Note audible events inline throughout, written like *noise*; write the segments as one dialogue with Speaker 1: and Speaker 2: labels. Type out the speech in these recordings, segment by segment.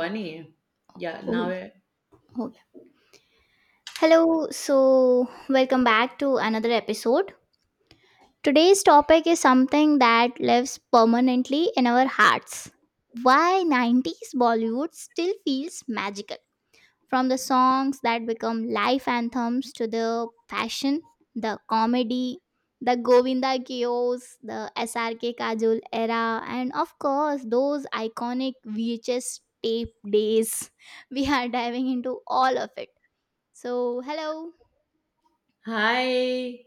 Speaker 1: Funny. Yeah, now.
Speaker 2: Hold, hold. Hello, so welcome back to another episode. Today's topic is something that lives permanently in our hearts. Why 90s Bollywood still feels magical. From the songs that become life anthems to the fashion, the comedy, the Govinda chaos, the SRK Kajol era, and of course, those iconic VHS tape days. *laughs* We are diving into all of it. So, hello.
Speaker 1: Hi.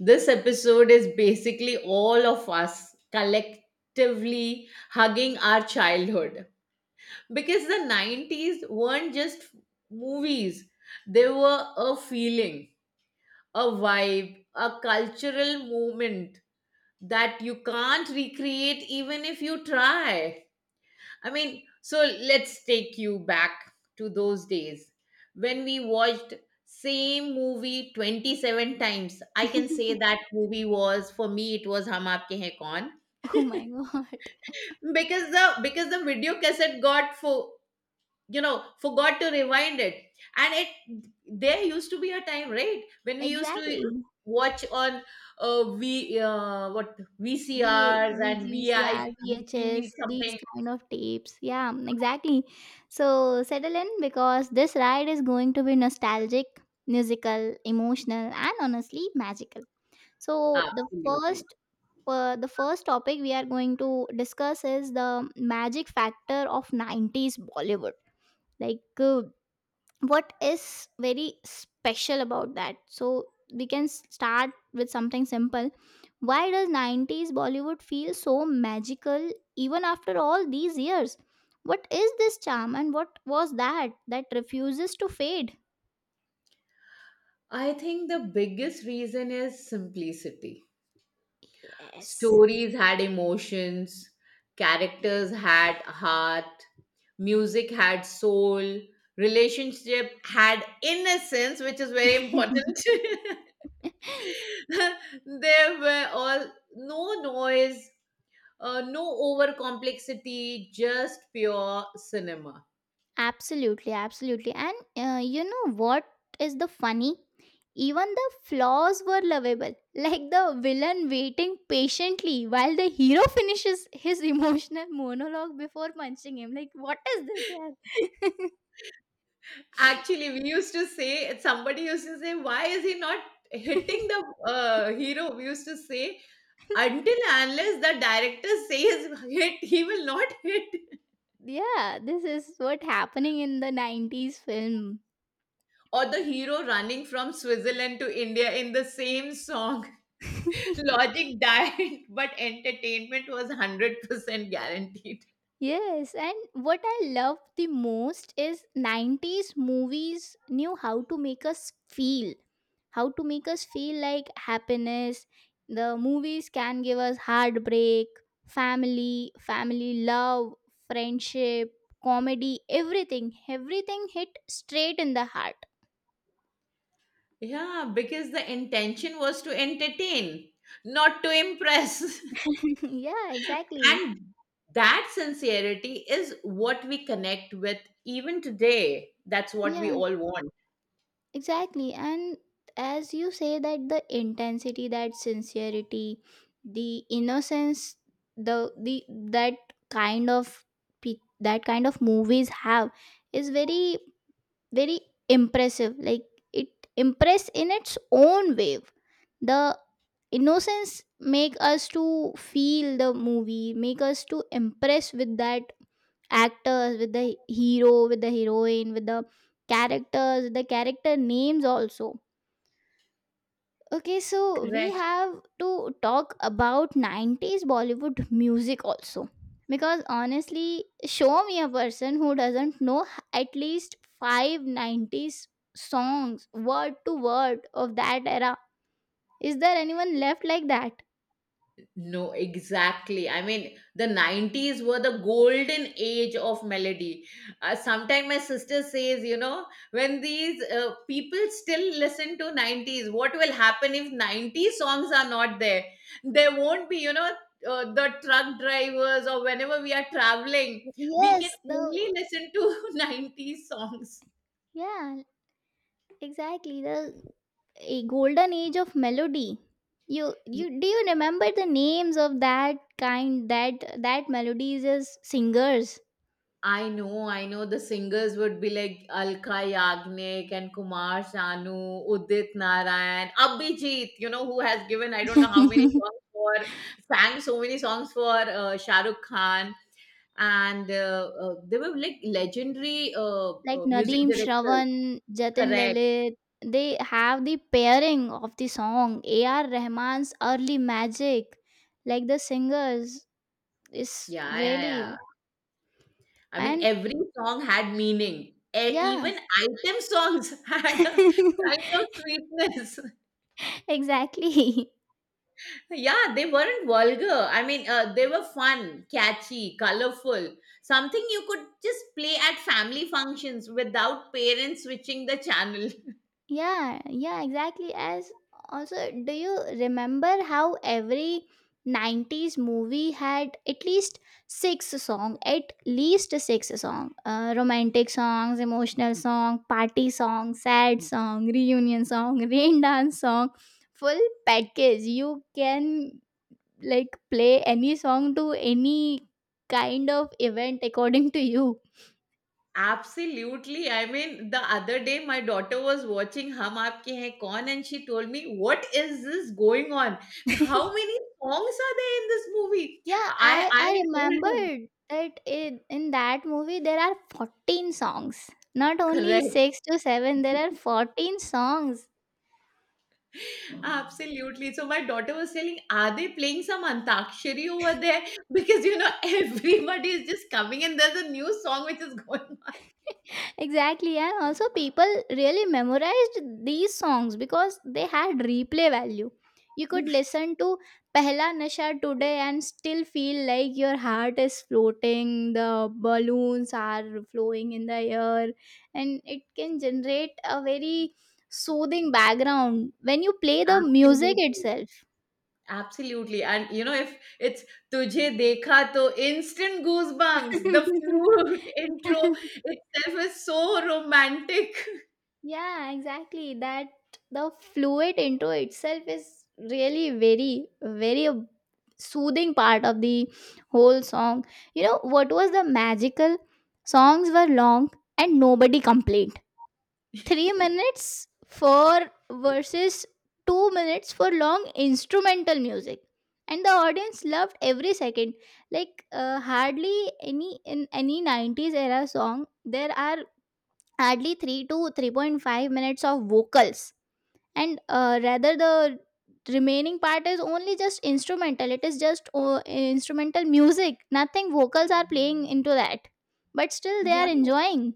Speaker 1: This episode is basically all of us collectively hugging our childhood because the 90s weren't just movies, they were a feeling, a vibe, a cultural moment that you can't recreate even if you try. I mean, so let's take you back to those days when we watched same movie 27 times. I can say
Speaker 2: *laughs*
Speaker 1: that movie was for me it was Hum Aapke Hain Kaun,
Speaker 2: Oh my god. *laughs*
Speaker 1: because the video cassette got for you know forgot to rewind it. And it there used to be a time, right, when we used to
Speaker 2: Exactly.
Speaker 1: watch on v what VCRs and
Speaker 2: VCR,
Speaker 1: VIP
Speaker 2: VHS, these
Speaker 1: something.
Speaker 2: kind of tapes. Yeah, exactly. So settle in because this ride is going to be nostalgic, musical, emotional, and honestly magical. So
Speaker 1: Absolutely.
Speaker 2: the first topic we are going to discuss is the magic factor of 90s Bollywood. Like what is very special about that, so we can start with something simple. Why does 90s Bollywood feel so magical even after all these years? What is this charm, and what was that that refuses to fade?
Speaker 1: I think the biggest reason is simplicity.
Speaker 2: Yes.
Speaker 1: Stories had emotions, characters had heart, music had soul, relationship had innocence, which is very important.
Speaker 2: *laughs*
Speaker 1: *laughs* there were all No noise, no over complexity, just pure cinema.
Speaker 2: Absolutely, absolutely. And you know what is the funny? Even the flaws were lovable, *laughs* like the villain waiting patiently while the hero *laughs* finishes his emotional monologue before punching him. Like, what is this, yeah?
Speaker 1: Actually, we used to say, somebody used to say, why is he not hitting the hero? We used to say, until and unless the director says hit, he will not hit. *laughs*
Speaker 2: *laughs* Yeah, this is what happening in the 90s film.
Speaker 1: Or the hero running from Switzerland to India in the same song. *laughs*
Speaker 2: *laughs*
Speaker 1: Logic died, but entertainment was 100% guaranteed.
Speaker 2: Yes, and what I love the most is 90s movies knew how to make us feel, how to make us feel like happiness. The movies can give us heartbreak, family love, friendship, comedy, everything. Everything hit straight in the heart.
Speaker 1: Yeah, because the intention was to entertain, not to impress. *laughs*
Speaker 2: *laughs* Yeah, exactly.
Speaker 1: And that sincerity is what we connect with even today. That's what we
Speaker 2: Yeah.
Speaker 1: all want.
Speaker 2: Exactly. And as you say, that the intensity, that sincerity, the innocence, the that kind of, that kind of movies have, is very, very impressive. Like it impress in its own way. The innocence make us to feel the movie, make us to impress with that actors, with the hero, with the heroine, with the characters, the character names also. Okay, so we
Speaker 1: Correct.
Speaker 2: have to talk about 90s Bollywood music also. Because honestly, show me a person who doesn't know at least five 90s songs, word to word, of that era. Is there anyone left like that?
Speaker 1: No, exactly. I mean, the 90s were the golden age of melody. Sometimes my sister says, you know, when these people still listen to 90s, what will happen if 90s songs are not there? There won't be, the truck drivers, or whenever we are traveling, we can
Speaker 2: Yes,
Speaker 1: only
Speaker 2: the.
Speaker 1: listen to *laughs* 90s songs.
Speaker 2: Yeah, exactly. The a golden age of melody. You do you remember the names of that kind, that, that melodies as singers?
Speaker 1: I know, the singers would be like Alka Yagnik and Kumar Sanu, Udit Narayan, Abhijit, who has given, I don't know how many
Speaker 2: *laughs*
Speaker 1: songs for, sang so many songs for Shah Rukh Khan. And they were like legendary
Speaker 2: Like
Speaker 1: music
Speaker 2: Nadeem
Speaker 1: directors.
Speaker 2: Shravan, Jatin
Speaker 1: Correct.
Speaker 2: Lalit, they have the pairing of the song. A.R. Rahman's early magic, like the singers, is
Speaker 1: Yeah, yeah,
Speaker 2: really
Speaker 1: yeah. I mean,
Speaker 2: and
Speaker 1: every song had meaning.
Speaker 2: yeah,
Speaker 1: Even item songs *laughs* had a kind of
Speaker 2: *laughs*
Speaker 1: sweetness.
Speaker 2: exactly.
Speaker 1: Yeah, they weren't vulgar. I mean, they were fun, catchy, colorful, something you could just play at family functions without parents switching the channel. *laughs*
Speaker 2: Yeah, yeah, exactly. As also, do you remember how every 90s movie had at least six song, at least six song, romantic songs, emotional song, party song, sad song, reunion song, *laughs* rain dance song, full package. You can like play any song to any kind of event according to you.
Speaker 1: Absolutely. I mean, the other day my daughter was watching Hum Aapke Hain Kaun and she told me, "What is this going on? How many songs are there in this movie?"
Speaker 2: Yeah,
Speaker 1: I
Speaker 2: I
Speaker 1: I
Speaker 2: I
Speaker 1: told her,
Speaker 2: remembered that in that movie there are 14 songs. Not only
Speaker 1: correct.
Speaker 2: 6 to 7, there are
Speaker 1: *laughs*
Speaker 2: 14 songs.
Speaker 1: Absolutely. So my daughter was telling, are they playing some Antakshari over there? *laughs* Because, *laughs* everybody is just coming and there's a new song which is going
Speaker 2: *laughs* Exactly, and also people really memorized these songs because they had replay value. You
Speaker 1: on.
Speaker 2: could
Speaker 1: *laughs*
Speaker 2: listen to pehla nasha today and still feel like your heart is floating, the balloons are flowing in the air, and it can generate a very soothing background when you play the music
Speaker 1: Absolutely.
Speaker 2: itself.
Speaker 1: Absolutely. And, if it's Tujhe Dekha, to instant goosebumps, the flute *laughs* intro
Speaker 2: *laughs*
Speaker 1: itself is so romantic. *laughs*
Speaker 2: Yeah, exactly. That the fluid intro itself is really very, very a soothing part of the whole song. You know what was the magical? Songs were long and nobody complained. 3 minutes for verses, 2 minutes for long instrumental music. And the audience loved every second. Like hardly any in any 90s era song, there are hardly 3 to 3.5 minutes of vocals, and rather the remaining part is only just instrumental. It is just instrumental music, nothing vocals are playing into that, but still they are
Speaker 1: Yeah.
Speaker 2: enjoying.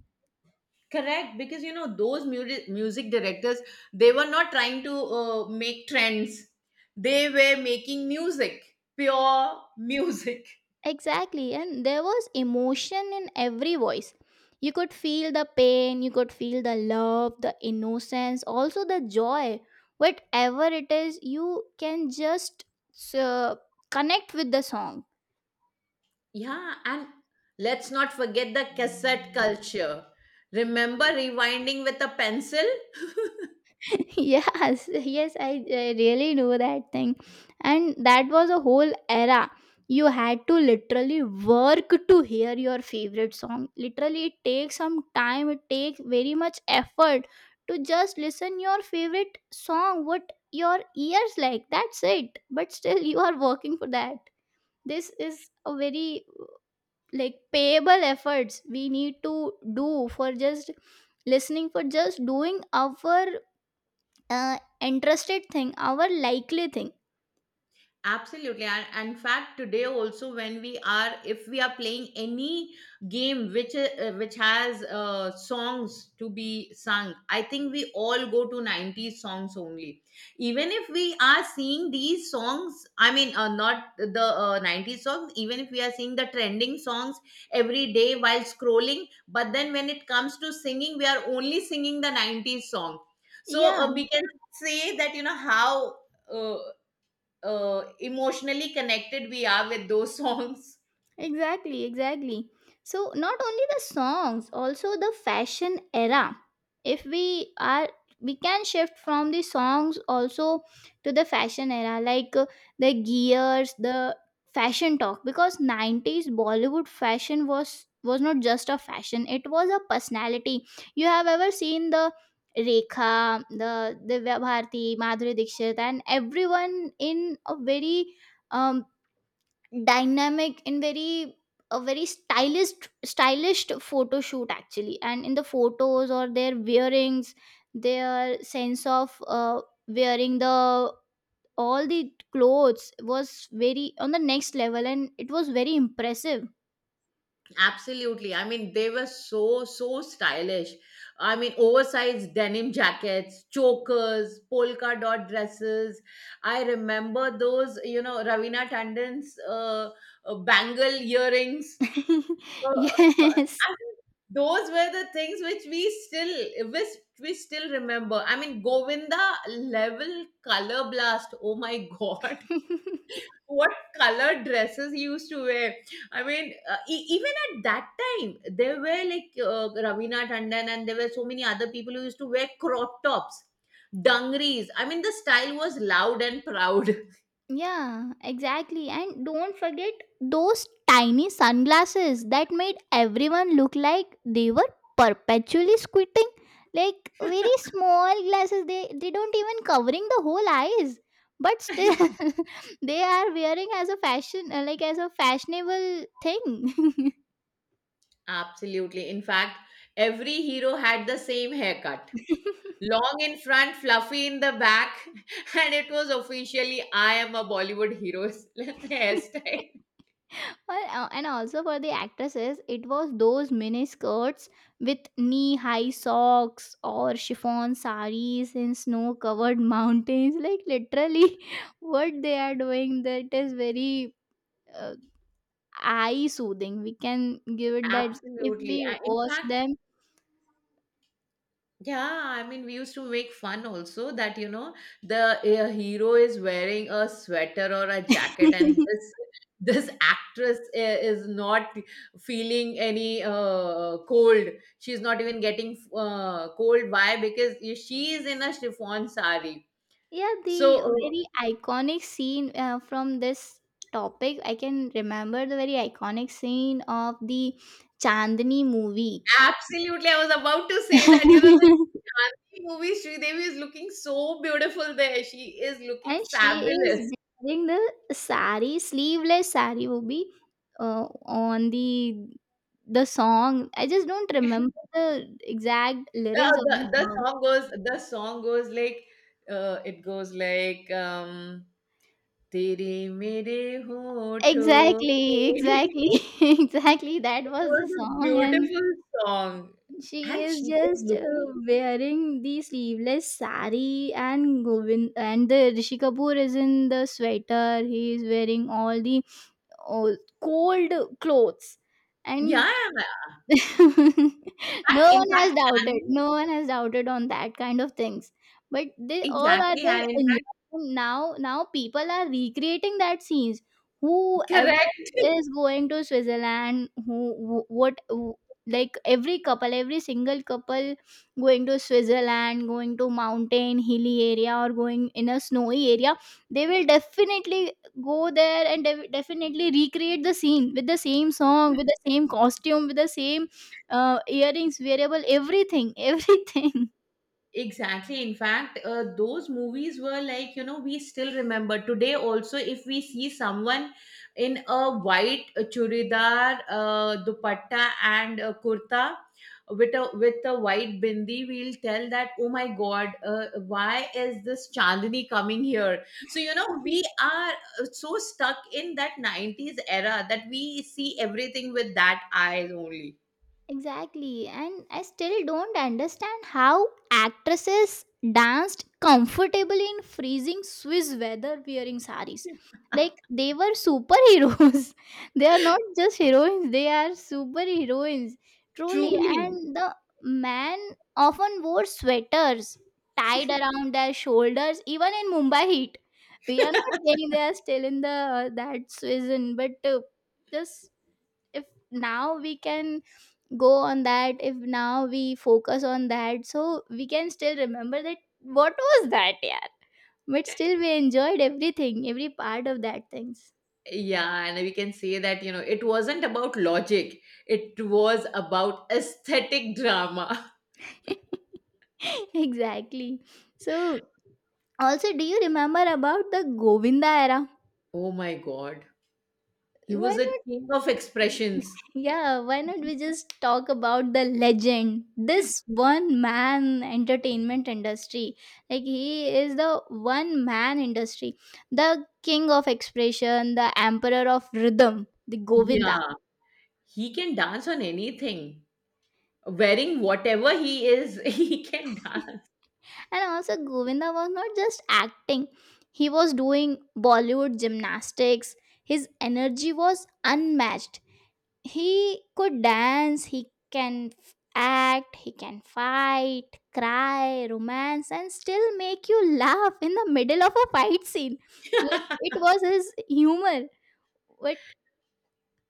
Speaker 1: Correct, because those music directors, they were not trying to make trends. They were making music, pure music.
Speaker 2: Exactly, and there was emotion in every voice. You could feel the pain, you could feel the love, the innocence, also the joy. Whatever it is, you can just uh, connect with the song.
Speaker 1: Yeah, and let's not forget the cassette culture. Remember rewinding with a pencil? *laughs*
Speaker 2: *laughs* Yes, I really know that thing. And that was a whole era. You had to literally work to hear your favorite song. Literally it takes some time, it takes very much effort to just listen your favorite song, what your ears like, that's it. But still you are working for that. This is a very like payable efforts we need to do for just listening, for just doing our interested thing, our likely thing.
Speaker 1: Absolutely. And in fact, today also, when we are, if we are playing any game which which has songs to be sung, I think we all go to 90s songs only. Even if we are seeing these songs, I mean, not the 90s songs, even if we are seeing the trending songs every day while scrolling, but then when it comes to singing, we are only singing the 90s song. So,
Speaker 2: Yeah.
Speaker 1: we can say that, you know, how. Uh, emotionally connected we are with those *laughs* songs.
Speaker 2: Exactly, exactly. So, not only the songs, also the fashion era. If we are, we can shift from the songs also to the fashion era, like the gears, the fashion talk, because 90s Bollywood fashion was not just a fashion, it was a personality. You have ever seen the Rekha, the Divya Bharti, Madhuri Dixit, and everyone in a very, um, dynamic and very a very stylish, stylish photo shoot, actually. And in the photos or their wearings, their sense of wearing the all the clothes was very on the next level, and it was very impressive.
Speaker 1: Absolutely. I mean, they were so, so stylish. I mean, oversized denim jackets, chokers, polka dot dresses. I remember those, Ravina Tandon's bangle earrings.
Speaker 2: *laughs* Yes.
Speaker 1: I mean, those were the things which we still remember. I mean, Govinda level color blast. Oh my *laughs* god.
Speaker 2: *laughs*
Speaker 1: What color dresses he used to wear. I mean, even at that time, there were like Ravina Tandon, and there were so many other people who used to wear crop tops, dungarees. I mean, the style was loud and proud.
Speaker 2: Yeah, exactly. And don't forget those tiny sunglasses that made everyone look like they were perpetually squinting. Like very small glasses, they don't even covering the whole eyes. But still, *laughs* they are wearing as a fashion, like as a fashionable thing.
Speaker 1: *laughs* Absolutely. In fact, every hero had the same haircut.
Speaker 2: *laughs*
Speaker 1: Long in front, fluffy in the back, *laughs* and it was officially "I am a Bollywood hero" *laughs*
Speaker 2: *laughs*
Speaker 1: hairstyle.
Speaker 2: Well, and also for the actresses, it was those mini skirts with knee high socks or chiffon saris in snow covered *laughs* mountains. Like, literally, *laughs* what they are doing, that is very uh, eye soothing. We can give it that if
Speaker 1: Absolutely.
Speaker 2: we
Speaker 1: In
Speaker 2: watch
Speaker 1: fact,
Speaker 2: them.
Speaker 1: yeah, I mean, we used to make fun also that, the hero is wearing a sweater or a jacket, and
Speaker 2: *laughs*
Speaker 1: this *laughs* this actress is not feeling any cold. She's not even getting cold. Why? Because she is in a chiffon sari.
Speaker 2: Yeah, the
Speaker 1: So,
Speaker 2: very iconic scene from this topic, I can remember the very iconic scene of the Chandni movie.
Speaker 1: absolutely, I was about to say that, the
Speaker 2: *laughs*
Speaker 1: Gandhi movie, Sridevi is looking so beautiful there. She is looking
Speaker 2: And she is
Speaker 1: fabulous.
Speaker 2: wearing the sari, sleeveless sari will be on the song. I just don't
Speaker 1: *laughs*
Speaker 2: remember the exact
Speaker 1: Uh,
Speaker 2: lyrics of
Speaker 1: the
Speaker 2: the
Speaker 1: the
Speaker 2: song.
Speaker 1: song goes like uh, it goes like um tere mere hoto
Speaker 2: Exactly,
Speaker 1: pe." *laughs*
Speaker 2: exactly, *laughs* exactly. That
Speaker 1: It
Speaker 2: was
Speaker 1: was
Speaker 2: the
Speaker 1: a
Speaker 2: song, and
Speaker 1: beautiful song,
Speaker 2: she
Speaker 1: and
Speaker 2: is
Speaker 1: she is
Speaker 2: just
Speaker 1: looking,
Speaker 2: wearing the sleeveless sari, and Govind and the Rishi Kapoor is in the sweater. He is wearing all the uh, cold clothes, and
Speaker 1: yeah, in
Speaker 2: *laughs* no
Speaker 1: fact in
Speaker 2: one
Speaker 1: fact
Speaker 2: has doubted.
Speaker 1: Shani,
Speaker 2: No one has doubted on that kind of things. But they all are
Speaker 1: exactly,
Speaker 2: the
Speaker 1: and in fact,
Speaker 2: enjoying now. Now people are recreating that scenes. Whoever
Speaker 1: correct. *laughs*
Speaker 2: is going to Switzerland, who- what who- like every couple, every single couple going to Switzerland, going to mountain, hilly area, or going in a snowy area, they will definitely go there and definitely recreate the scene with the same song, with the same costume, with the same earrings, wearable, everything, *laughs* everything.
Speaker 1: Exactly. In fact, those movies were like, we still remember today also, if we see someone in a white churidar, dupatta and a kurta with a white bindi, we'll tell that, oh my God, why is this Chandni coming here? So, we are so stuck in that 90s era that we see everything with that eyes only.
Speaker 2: Exactly, and I still don't understand how actresses danced comfortably in freezing Swiss weather wearing saris. Like they were superheroes. *laughs* They are not just heroines, they are superheroines.
Speaker 1: *laughs*
Speaker 2: Truly,
Speaker 1: Truly.
Speaker 2: and the man often wore sweaters tied around their shoulders, even in Mumbai heat. We are not saying they are still in the that season, but just if now we can go on that, if now we focus on that, so we can still remember that, what was that, yeah, but still we enjoyed everything, every part of that things.
Speaker 1: Yeah, and we can say that, it wasn't about logic, it was about aesthetic drama. *laughs*
Speaker 2: *laughs* Exactly. So also, do you remember about the Govinda era?
Speaker 1: Oh my God. He
Speaker 2: Why
Speaker 1: was a
Speaker 2: not?
Speaker 1: king of expressions.
Speaker 2: Yeah, why not, we just talk about the legend, this
Speaker 1: *laughs*
Speaker 2: one man entertainment industry. Like he is the one man industry, the king of expression, the emperor of rhythm, the Govinda.
Speaker 1: Yeah, he can dance on anything. Wearing whatever he is, *laughs* he can dance.
Speaker 2: And also Govinda was not just acting, he was doing Bollywood gymnastics. His energy was unmatched. He could dance, he can act, he can fight, cry, romance, and still make you laugh in the middle of a fight scene. Like
Speaker 1: *laughs*
Speaker 2: it was his humor. But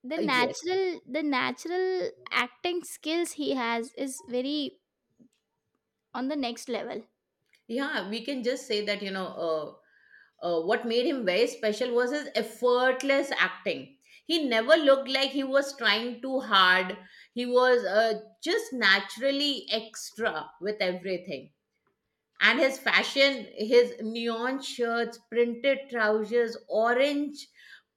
Speaker 1: Yes.
Speaker 2: the natural acting skills he has is very on the next level.
Speaker 1: Yeah, we can just say that, what made him very special was his effortless acting. He never looked like he was trying too hard. He was just naturally extra with everything. And his fashion, his neon shirts, printed trousers, orange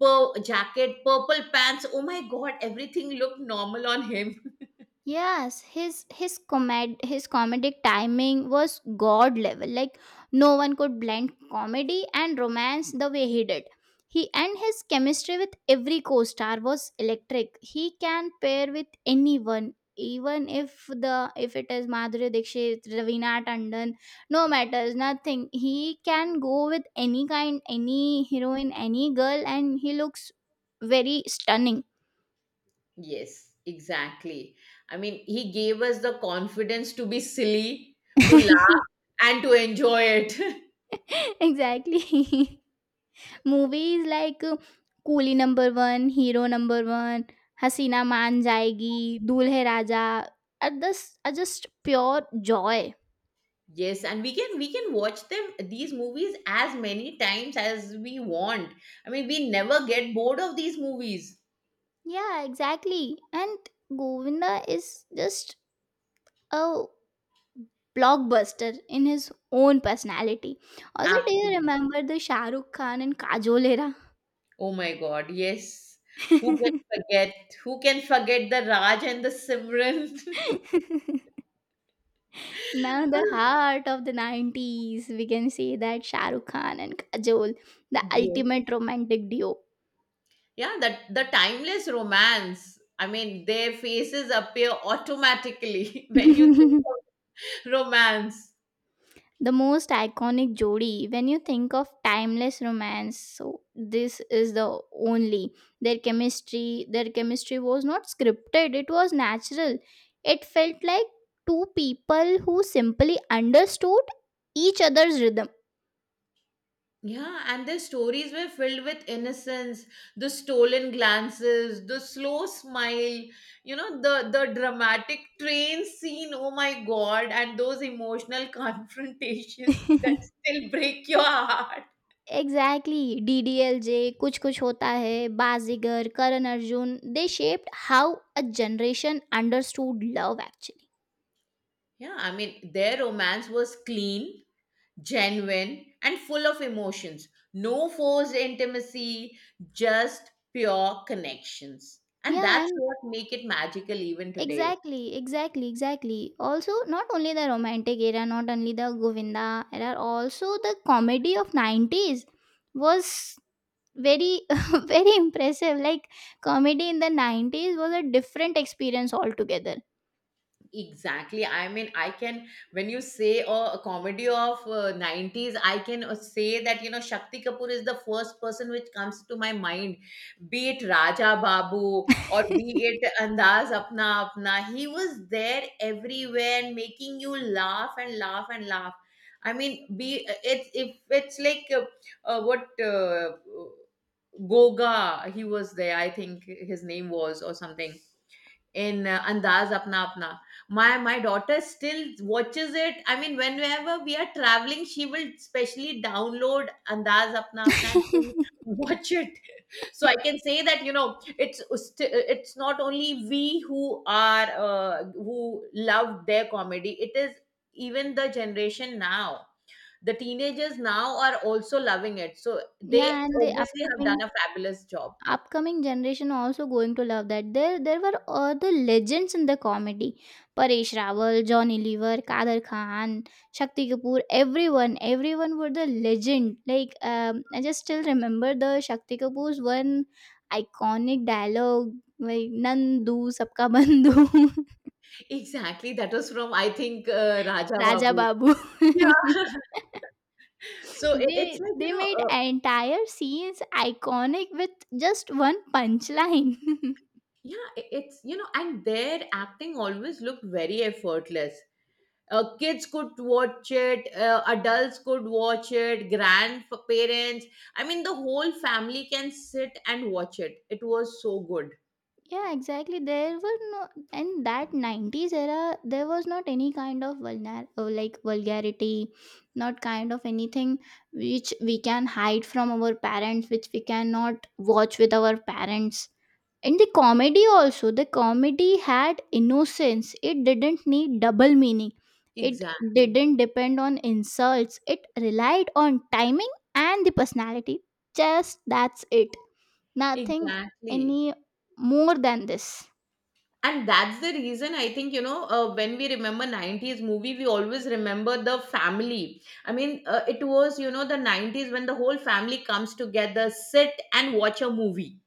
Speaker 1: jacket, purple pants. Oh my god, everything looked normal on him. *laughs*
Speaker 2: Yes, his comedic timing was god level. Like no one could blend comedy and romance the way he did. He and his chemistry with every co-star was electric. He can pair with anyone, even if the if it is Madhuri Dixit, Ravina Tandon, no matters, nothing. He can go with any kind, any heroine, any girl, and he looks very stunning.
Speaker 1: Yes, exactly. I mean, he gave us the confidence to be silly, to
Speaker 2: *laughs*
Speaker 1: laugh, and to enjoy it. *laughs*
Speaker 2: Exactly. *laughs* Movies like Coolie number one, hero number one, Haseena Maan Jaayegi, दूल्हे राजा are this are just pure joy.
Speaker 1: Yes, and we can watch them these movies as many times as we want. I mean, we never get bored of these movies.
Speaker 2: Yeah, exactly. And Govinda is just a blockbuster in his own personality. Also, do you
Speaker 1: Absolutely.
Speaker 2: remember the Shah Rukh Khan and Kajol
Speaker 1: Oh my God, yes. Who can
Speaker 2: era? *laughs*
Speaker 1: forget? Who can forget the Raj and the Simran?
Speaker 2: *laughs* Now the
Speaker 1: *laughs*
Speaker 2: heart of the 90s, we can say that Shah Rukh Khan and Kajol, the
Speaker 1: Yes.
Speaker 2: ultimate romantic duo.
Speaker 1: Yeah, that the timeless romance. I mean, their faces appear automatically *laughs*
Speaker 2: *laughs*
Speaker 1: when you think
Speaker 2: The
Speaker 1: of romance.
Speaker 2: most iconic jodi when you think of timeless romance, so this is the only. Their chemistry their chemistry was not scripted, it was natural. It felt like two people who simply understood each other's rhythm.
Speaker 1: Yeah, and their stories were filled with innocence, the stolen glances, the slow smile, the dramatic train scene. Oh my God, and those emotional *laughs* confrontations that
Speaker 2: *laughs*
Speaker 1: still break your heart.
Speaker 2: Exactly. DDLJ, Kuch Kuch Hota Hai, Bazigar, Karan Arjun, they shaped how a generation understood love actually.
Speaker 1: Yeah, I mean, their romance was clean, genuine, and full of emotions. No forced intimacy, just pure connections. And
Speaker 2: Yeah,
Speaker 1: that's
Speaker 2: and
Speaker 1: what make it magical even today.
Speaker 2: exactly, exactly, exactly. Also, not only the romantic era, not only the Govinda era, also the comedy of 90s was very *laughs* very impressive. Like comedy in the 90s was a different experience altogether.
Speaker 1: Exactly. I mean, when you say oh, a comedy of 90s, I can say that, Shakti Kapoor is the first person which comes to my mind, be it Raja Babu or
Speaker 2: *laughs*
Speaker 1: be it Andaz Apna Apna. He was there everywhere and making you laugh and laugh and laugh. I mean, be it's if it's like what Goga, he was there, I think his name was, or something in Andaz Apna Apna. My daughter still watches it. I mean, whenever we are traveling, she will specially download Andaz Apna Apna and she'll watch it. *laughs* So I can say that, it's not only we who love their comedy. It is even the generation now. The teenagers now are also loving it. So they
Speaker 2: Yeah, and the
Speaker 1: obviously have done
Speaker 2: upcoming
Speaker 1: a fabulous job.
Speaker 2: generation also going to love that. There were other legends in the comedy: Paresh Rawal, Johnny Lever, Kader Khan, Shakti Kapoor. Everyone were the legend. Like I just still remember the Shakti Kapoor's one iconic dialogue, like Nandu Sabka Bandhu.
Speaker 1: *laughs* Exactly. That was from, I think,
Speaker 2: *laughs*
Speaker 1: Raja
Speaker 2: Raja
Speaker 1: Babu.
Speaker 2: Babu. *laughs*
Speaker 1: Yeah. So it's
Speaker 2: they
Speaker 1: like,
Speaker 2: they made entire scenes iconic with just one punchline. *laughs*
Speaker 1: yeah, and their acting always looked very effortless. Kids could watch it, adults could watch it, grandparents. I mean, the whole family can sit and watch it. It was so good.
Speaker 2: Yeah, exactly, there were no, in that 90s era there was not any kind of vulner, or like vulgarity, not kind of anything which we can hide from our parents, which we cannot watch with our parents. And the comedy also, the comedy had innocence. It didn't need double meaning. It
Speaker 1: Exactly.
Speaker 2: didn't depend on insults. It relied on timing and the personality. Just that's it. Nothing
Speaker 1: Exactly.
Speaker 2: any more than this.
Speaker 1: And that's the reason I think, when we remember 90s movie, we always remember the family. I mean, it was, the 90s when the whole family comes together, sit and watch a movie.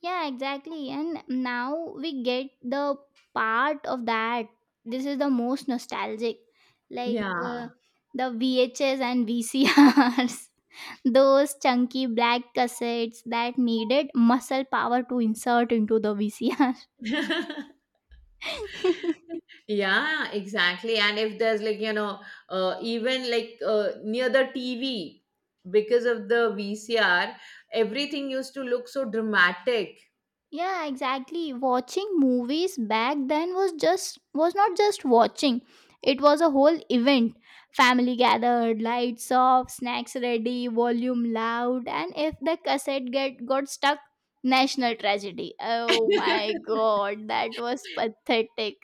Speaker 2: Yeah, exactly. And now we get the part of that. This is the most nostalgic. Like uh,
Speaker 1: Yeah.
Speaker 2: the VHS and VCRs, *laughs* those chunky black cassettes that needed muscle power to insert into the VCR.
Speaker 1: *laughs*
Speaker 2: *laughs*
Speaker 1: Yeah, exactly. And if there's like, even like near the TV, because of the VCR, everything used to look so dramatic.
Speaker 2: Yeah, exactly, watching movies back then was just, was not just watching, it was a whole event. Family gathered, lights off, snacks ready, volume loud. And if the cassette get got stuck, national tragedy. Oh my
Speaker 1: *laughs*
Speaker 2: god, that was pathetic.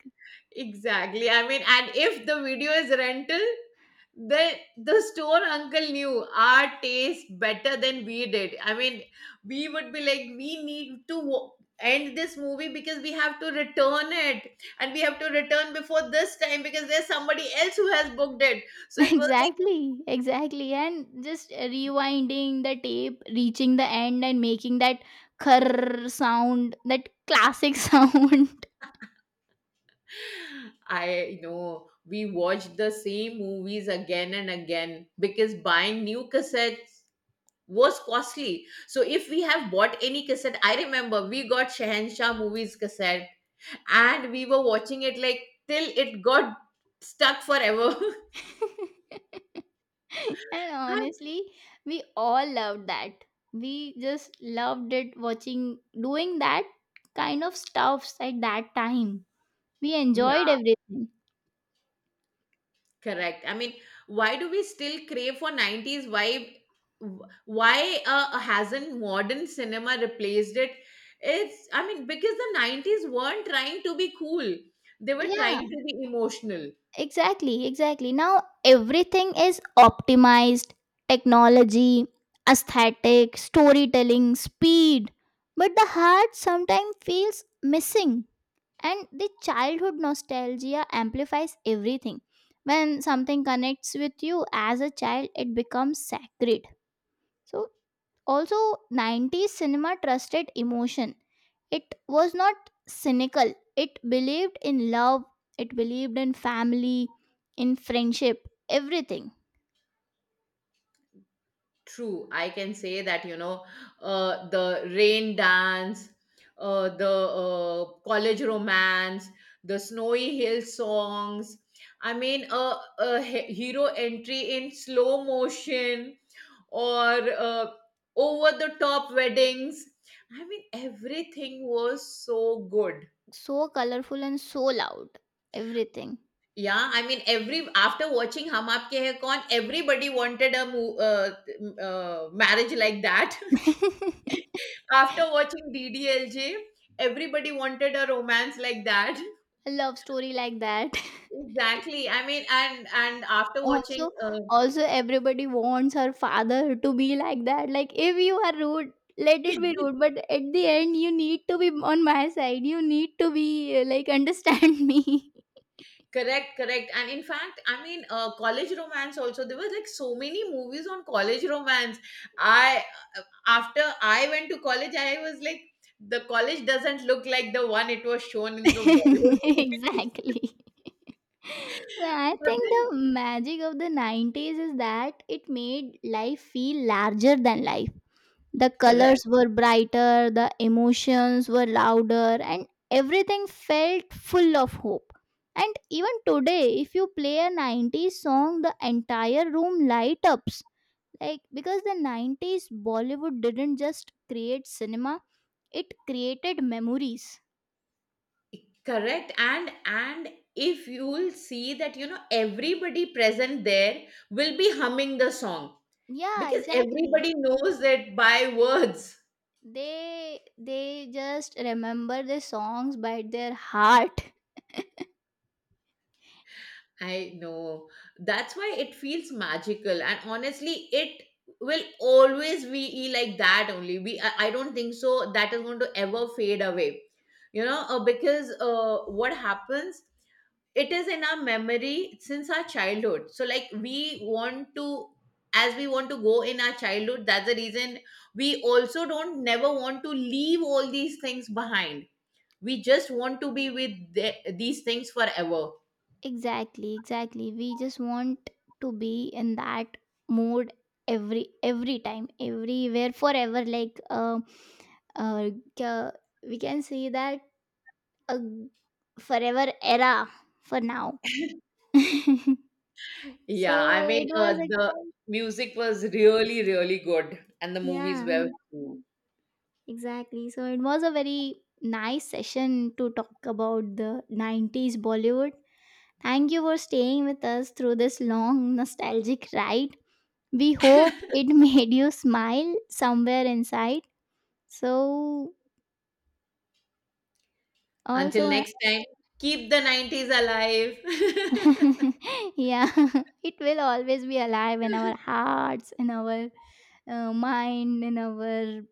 Speaker 1: Exactly. I mean, and if the video is rental, then the store uncle knew our taste better than we did. I mean, we would be like, we need to end this movie because we have to return it, and we have to return before this time because there's somebody else who has booked it.
Speaker 2: *laughs*
Speaker 1: So it was like,
Speaker 2: Exactly, exactly. And just rewinding the tape, reaching the end and making that curr sound, that classic *laughs* sound.
Speaker 1: *sighs* I know we watched the same movies again and again because buying new cassettes was costly. So if we have bought any cassette, I remember we got Shahanshah movies cassette and we were watching it like till it got stuck forever.
Speaker 2: *laughs* And
Speaker 1: *laughs*
Speaker 2: honestly, we all loved that. We just loved it, watching, doing that kind of stuffs at that time. We enjoyed
Speaker 1: Yeah,
Speaker 2: everything.
Speaker 1: correct. I mean, why do we still crave for 90s vibe? Why hasn't modern cinema replaced it? I mean, because the 90s weren't trying to be cool. They were
Speaker 2: Yeah,
Speaker 1: trying to be emotional.
Speaker 2: exactly, exactly. Now everything is optimized: technology, aesthetic, storytelling, speed. But the heart sometimes feels missing. And the childhood nostalgia amplifies everything. When something connects with you as a child, it becomes sacred. So also, 90s cinema trusted emotion. It was not cynical. It believed in love, it believed in family, in friendship, everything.
Speaker 1: True, I can say that, the rain dance, the college romance, the snowy hill songs. I mean, a hero entry in slow motion, or over the top weddings. I mean, everything was so good.
Speaker 2: So colorful and so loud, everything.
Speaker 1: Yeah, I mean, every after watching Hum Aapke Hai Kaun, everybody wanted a marriage like that.
Speaker 2: *laughs*
Speaker 1: After watching DDLJ, everybody wanted a romance like that. *laughs*
Speaker 2: A love story like that. *laughs*
Speaker 1: Exactly. I mean, and after
Speaker 2: Also,
Speaker 1: watching,
Speaker 2: everybody wants her father to be like that. Like if you are rude, let it be
Speaker 1: *laughs*
Speaker 2: rude, but at the end you need to be on my side, you need to be like, understand me.
Speaker 1: correct, correct. And in fact, I mean, college romance also. There was like so many movies on college romance. I After I went to college, I was like, the college doesn't look like the one it was shown
Speaker 2: *laughs*
Speaker 1: in the Bollywood movies.
Speaker 2: Exactly. So I
Speaker 1: *laughs* But
Speaker 2: think the
Speaker 1: then,
Speaker 2: magic of the 90s is that it made life feel larger than life. The
Speaker 1: correct.
Speaker 2: colors were brighter, the emotions were louder, and everything felt full of hope. And even today, if you play a 90s song, the entire room light ups. Like, because the 90s Bollywood didn't just create cinema, it created memories.
Speaker 1: Correct. And if you'll see that, everybody present there will be humming the song,
Speaker 2: Yeah,
Speaker 1: because
Speaker 2: exactly.
Speaker 1: everybody knows it by words.
Speaker 2: They just remember the songs by their heart.
Speaker 1: I know. That's why it feels magical. And honestly, it will always be like that only. We I don't think so that is going to ever fade away, because what happens, it is in our memory since our childhood, so, like, we want to, as we want to go in our childhood. That's the reason we also don't never want to leave all these things behind. We just want to be with these things forever.
Speaker 2: Exactly, exactly. We just want to be in that mode every time, everywhere, forever. Like uh, ca- we can say that a forever era for now. *laughs* so
Speaker 1: Yeah, I mean,
Speaker 2: it was a
Speaker 1: the music was really, really good, and the movies
Speaker 2: yeah,
Speaker 1: were too.
Speaker 2: exactly. So it was a very nice session to talk about the '90s Bollywood. Thank you for staying with us through this long nostalgic ride. We hope
Speaker 1: *laughs*
Speaker 2: it *laughs* made you smile somewhere inside. So, also,
Speaker 1: Until next time, keep the 90s alive.
Speaker 2: *laughs*
Speaker 1: *laughs*
Speaker 2: yeah, *laughs* it will always be alive in our hearts, in our mind, in our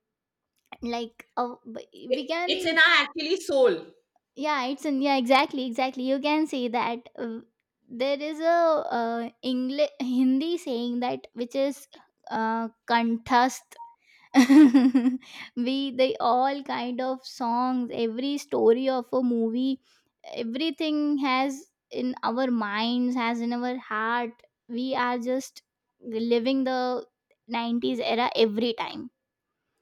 Speaker 2: like,
Speaker 1: it,
Speaker 2: we
Speaker 1: it's in
Speaker 2: can,
Speaker 1: our actually soul.
Speaker 2: yeah, it's in, yeah, exactly, exactly. You can see that there is a English Hindi saying that, which is kanthas. *laughs* We, they, all kind of songs, every story of a movie, everything has in our minds, has in our heart. We are just living the 90s era every time.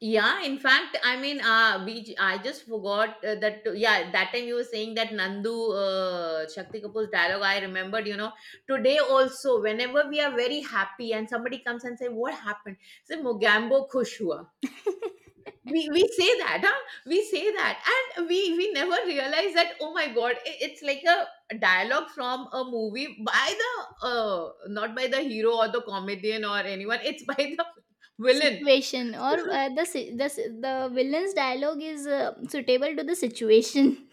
Speaker 1: Yeah, in fact, I mean, I just forgot that. Yeah, that time you were saying that Nandu, Shakti Kapoor's dialogue. I remembered. Today also, whenever we are very happy and somebody comes and say, "What happened?" Say, "Mogambo khush hua." We say that, huh? We say that, and we never realize that. Oh my God, it's like a dialogue from a movie by the not by the hero or the comedian or anyone. It's by the *laughs* villain.
Speaker 2: Situation, or
Speaker 1: *laughs*
Speaker 2: the villain's dialogue is suitable to the situation.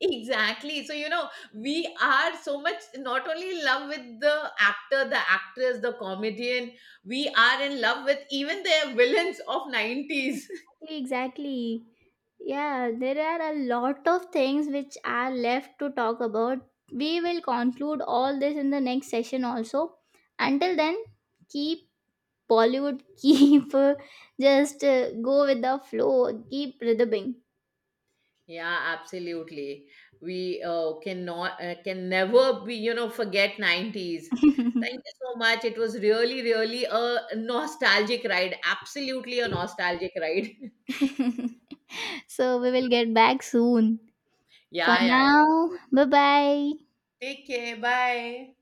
Speaker 1: Exactly. So, we are so much not only in love with the actor, the actress, the comedian, we are in love with even the villains of 90s. *laughs*
Speaker 2: Exactly, exactly. Yeah, there are a lot of things which are left to talk about. We will conclude all this in the next session also. Until then, keep Bollywood, *laughs* keep just go with the flow, keep rhythming.
Speaker 1: Yeah, absolutely. We cannot can never be, forget 90s. Thank you so much. It was really, really a nostalgic ride. Absolutely a nostalgic ride. *laughs*
Speaker 2: *laughs* So we will get back soon. For
Speaker 1: Yeah, yeah,
Speaker 2: now,
Speaker 1: yeah.
Speaker 2: bye bye.
Speaker 1: Take care. Bye.